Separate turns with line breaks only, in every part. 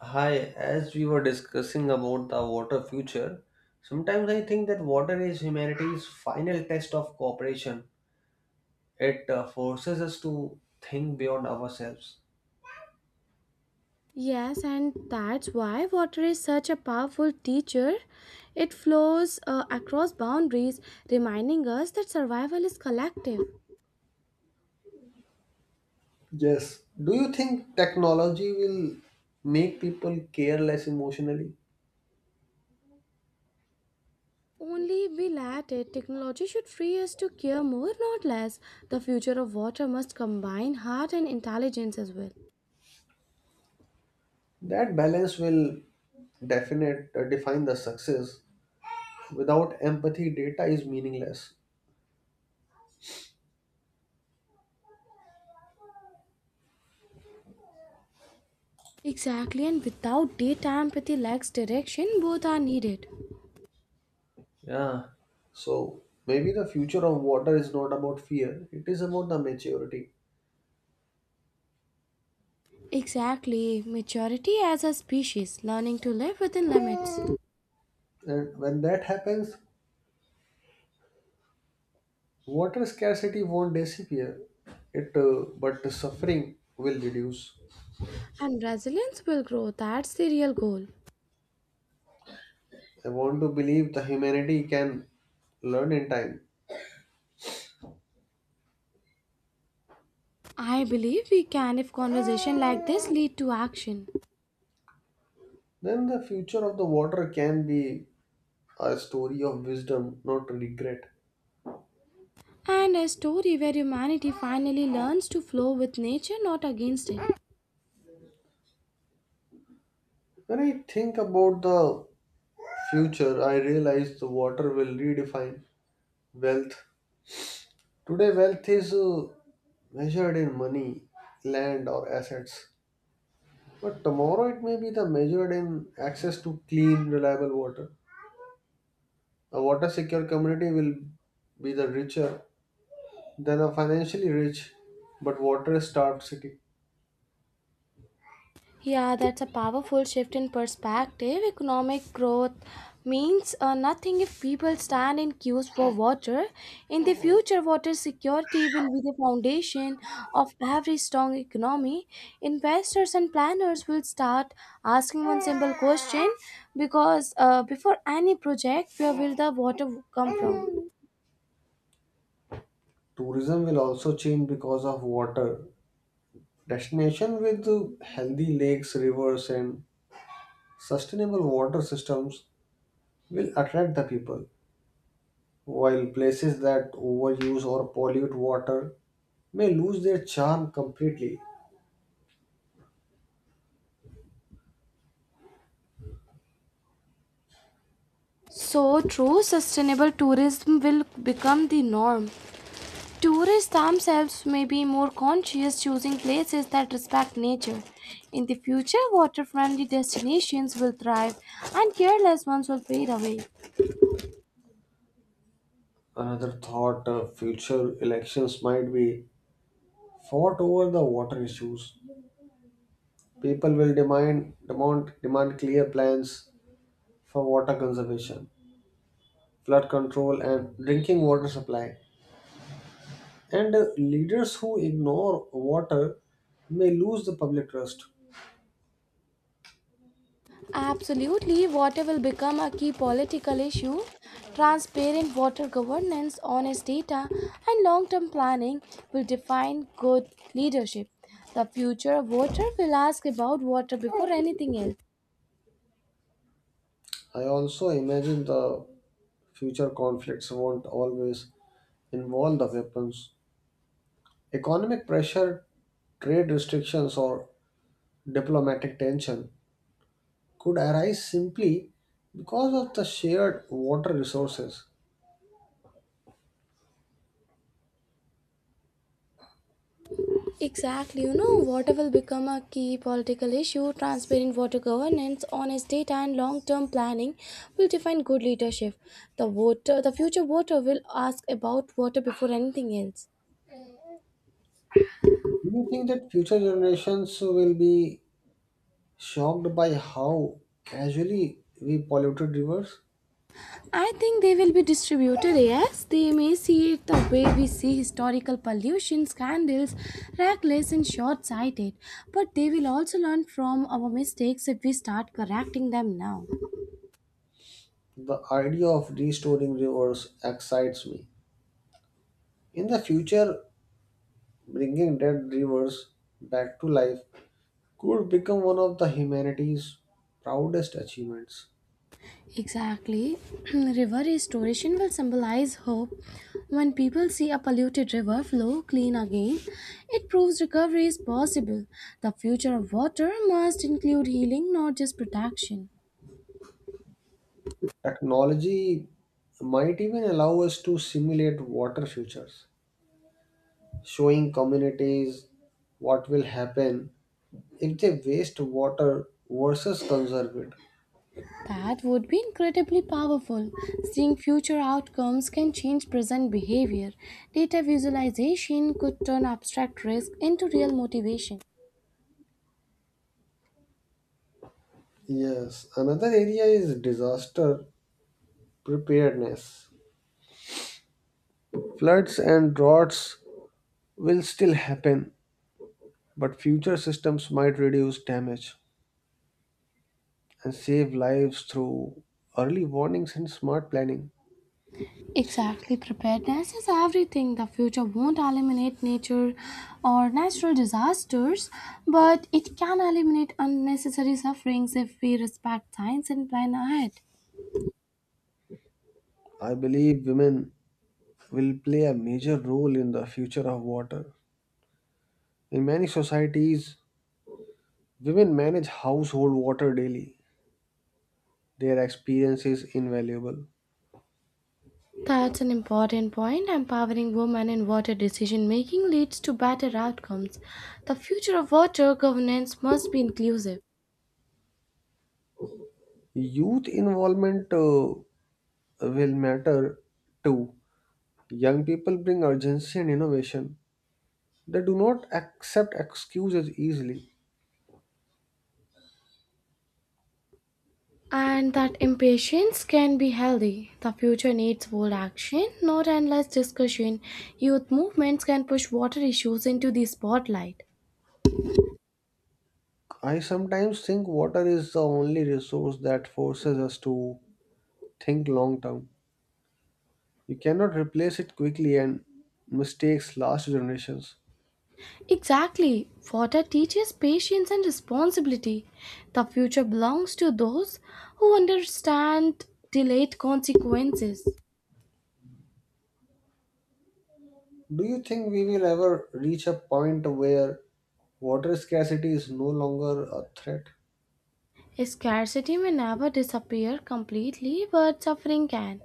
Hi, as we were discussing about the water future, sometimes I think that water is humanity's final test of cooperation. It forces us to think beyond ourselves.
Yes, and that's why water is such a powerful teacher. It flows across boundaries, reminding us that survival is collective.
Yes. Do you think technology will make people care less emotionally?
Only we let it. Technology should free us to care more, not less. The future of water must combine heart and intelligence as well.
That balance will definite define the success. Without empathy, data is meaningless.
Exactly, and without data empathy lacks direction, both are needed.
Yeah. So maybe the future of water is not about fear, it is about the maturity.
Exactly, maturity as a species, learning to live within limits,
And when that happens, water scarcity won't disappear. But the suffering will reduce.
and resilience will grow. That's the real goal.
I want to believe the humanity can learn in time.
I believe we can if conversation like this lead to action
Then the future of the water can be a story of wisdom, not regret.
and a story where humanity finally learns to flow with nature not against it.
When I think about the future, I realize the water will redefine wealth. Today, wealth is measured in money, land, or assets. But tomorrow it may be the measured in access to clean, reliable water. A water secure community will be the richer than a financially rich but water starved city.
Yeah, that's a powerful shift in perspective. Economic growth means nothing if people stand in queues for water. In the future, water security will be the foundation of every strong economy. Investors and planners will start asking one simple question because before any project, where will the water come from?
Tourism will also change because of water. Destination with healthy lakes, rivers, and sustainable water systems will attract the people, while places that overuse or pollute water may lose their charm completely.
So, true sustainable tourism will become the norm. Tourists themselves may be more conscious, choosing places that respect nature. In the future, water friendly destinations will thrive and careless ones will fade away.
Another thought, future elections might be fought over the water issues. People will demand clear plans for water conservation, flood control, and drinking water supply. And leaders who ignore water may lose the public trust.
Absolutely, water will become a key political issue. Transparent water governance, honest data, and long term planning will define good leadership. The future of water will ask about water before anything else.
I also imagine the future conflicts won't always involve the weapons. Economic pressure, trade restrictions, or diplomatic tension could arise simply because of the shared water resources.
Exactly, you know, water will become a key political issue. Transparent water governance, honest data, and long-term planning will define good leadership. The voter, the future voter, will ask about water before anything else.
Do you think that future generations will be shocked by how casually we polluted rivers?
I think they will be distributed. Yes, they may see it the way we see historical pollution scandals, reckless and short-sighted. But they will also learn from our mistakes if we start correcting them now.
The idea of restoring rivers excites me. In the future, bringing dead rivers back to life could become one of the humanity's proudest achievements.
Exactly. River restoration will symbolize hope. When people see a polluted river flow clean again, it proves recovery is possible. The future of water must include healing, not just protection.
Technology might even allow us to simulate water futures showing communities what will happen if they waste water versus conserve it.
That would be incredibly powerful. Seeing future outcomes can change present behavior. Data visualization could turn abstract risk into real motivation.
Yes, another area is disaster preparedness. Floods and droughts will still happen, but future systems might reduce damage and save lives through early warnings and smart planning.
Exactly, preparedness is everything. The future won't eliminate nature or natural disasters, but it can eliminate unnecessary sufferings if we respect science and plan ahead.
I believe women will play a major role in the future of water. In many societies, women manage household water daily. Their experience is invaluable.
That's an important point. Empowering women in water decision making leads to better outcomes. The future of water governance must be inclusive.
Youth involvement will matter too. Young people bring urgency and innovation. They do not accept excuses easily.
And that impatience can be healthy. The future needs bold action, not endless discussion. Youth movements can push water issues into the spotlight.
I sometimes think water is the only resource that forces us to think long term. You cannot replace it quickly, and mistakes last generations.
Exactly. Water teaches patience and responsibility. The future belongs to those who understand delayed consequences.
Do you think we will ever reach a point where water scarcity is no longer a threat?
Scarcity may never disappear completely, but suffering can.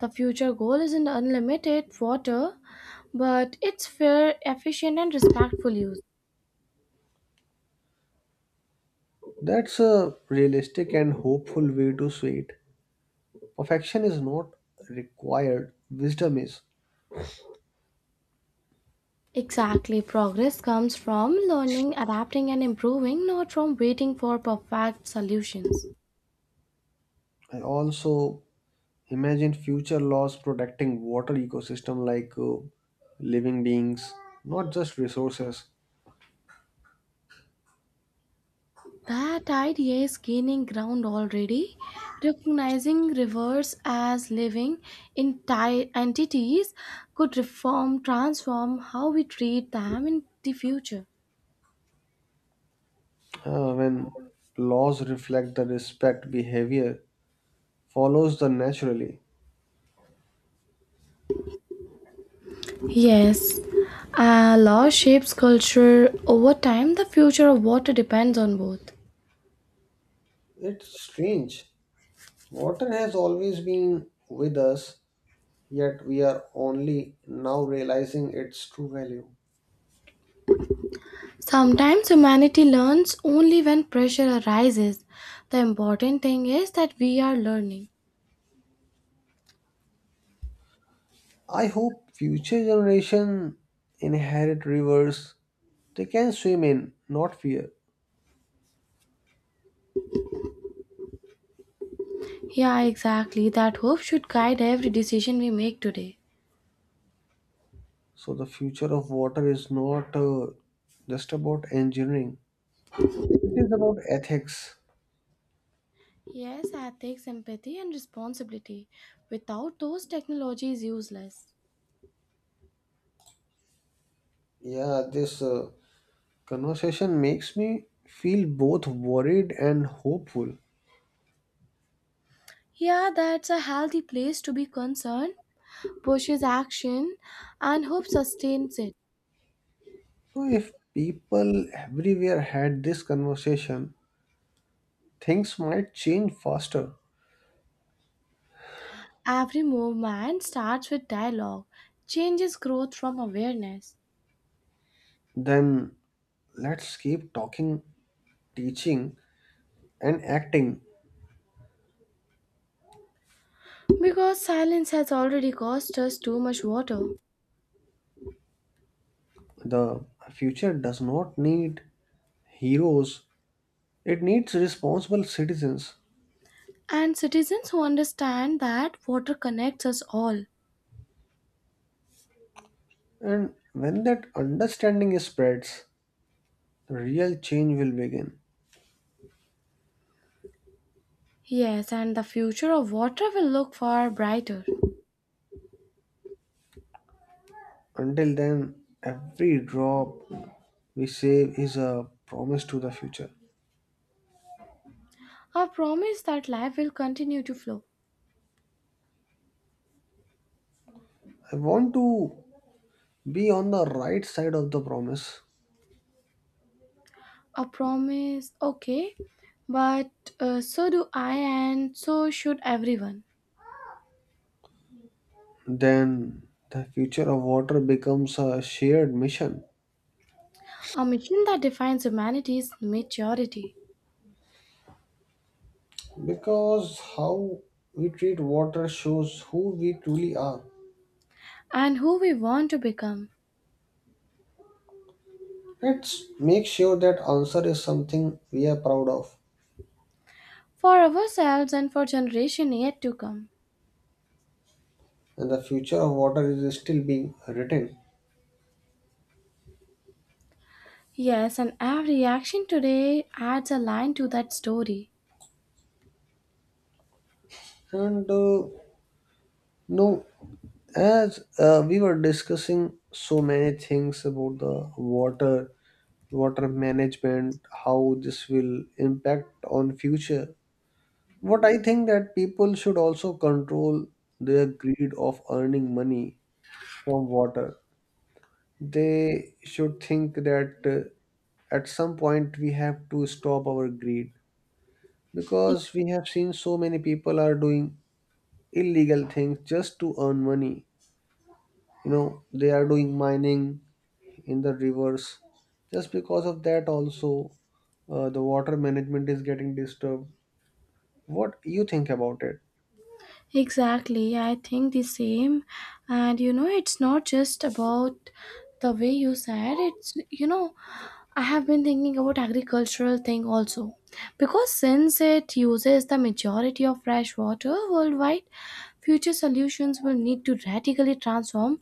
The future goal isn't unlimited water, but it's fair, efficient, and respectful use.
That's a realistic and hopeful way to see it. Perfection is not required, wisdom is.
Exactly, progress comes from learning, adapting, and improving, not from waiting for perfect solutions.
I also imagine future laws protecting water ecosystem like living beings, not just resources.
That idea is gaining ground already, recognizing rivers as living entities could reform, transform how we treat them in the future.
When laws reflect the respect behavior follows the naturally.
Yes, law shapes culture. Over time, the future of water depends on both.
It's strange. Water has always been with us, yet we are only now realizing its true value.
Sometimes humanity learns only when pressure arises. The important thing is that we are learning.
I hope future generation inherit rivers they can swim in, not fear.
Yeah, exactly. That hope should guide every decision we make today.
So the future of water is not just about engineering; it is about ethics.
Yes, ethics, empathy, and responsibility. Without those, technology is useless.
Yeah, this conversation makes me feel both worried and hopeful.
Yeah, that's a healthy place to be. Concerned, pushes action, and hope sustains it.
So if people everywhere had this conversation, things might change faster.
Every movement starts with dialogue, changes growth from awareness.
Then let's keep talking, teaching, and acting.
Because silence has already cost us too much water.
The future does not need heroes, it needs responsible citizens.
And citizens who understand that water connects us all.
And when that understanding spreads, real change will begin.
Yes, and the future of water will look far brighter.
Until then, every drop we save is a promise to the future.
A promise that life will continue to flow.
I want to be on the right side of the promise.
A promise, okay, but so do I, and so should everyone.
Then the future of water becomes a shared mission
A mission that defines humanity's maturity
because how we treat water shows who we truly are.
and who we want to become.
Let's make sure that answer is something we are proud of,
For ourselves and for generation yet to come.
and the future of water is still being written.
Yes, and every action today adds a line to that story.
And no, as we were discussing so many things about the water, water management, how this will impact on future. What I think that people should also control their greed of earning money from water. They should think that at some point we have to stop our greed because
Ex-
we have seen so many people are doing illegal things just to earn money. You know, they are doing mining in the rivers. Just because of that, also, the water management is getting disturbed. What you think about it?
Exactly, I think the same. And you know, it's not just about the way you said, it's, you know, I have been thinking about agricultural thing also, because since it uses the majority of fresh water worldwide, future solutions will need to radically transform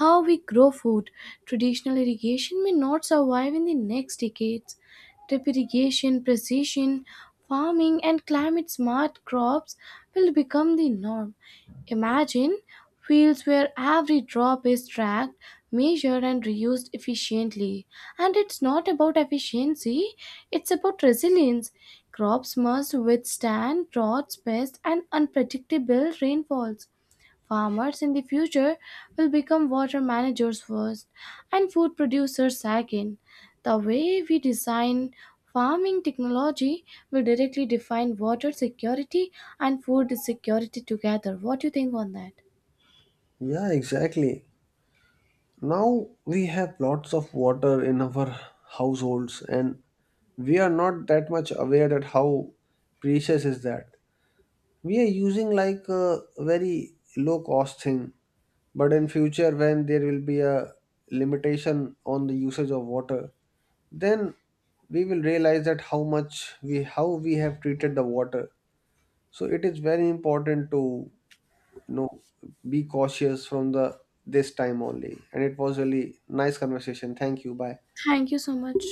how we grow food. Traditional irrigation may not survive in the next decades. Drip irrigation, precision farming and climate smart crops will become the norm. Imagine fields where every drop is tracked, measured, and reused efficiently. And it's not about efficiency, it's about resilience. Crops must withstand droughts, pests, and unpredictable rainfalls. Farmers in the future will become water managers first and food producers second. The way we design farming technology will directly define water security and food security together. What do you think on that?
Yeah, exactly. Now we have lots of water in our households, and we are not that much aware that how precious is that, we are using like a very low cost thing, but in future when there will be a limitation on the usage of water, then we will realize that how we have treated the water. So it is very important to, you know, be cautious from the this time only. And it was really nice conversation. Thank you. Bye.
Thank you so much.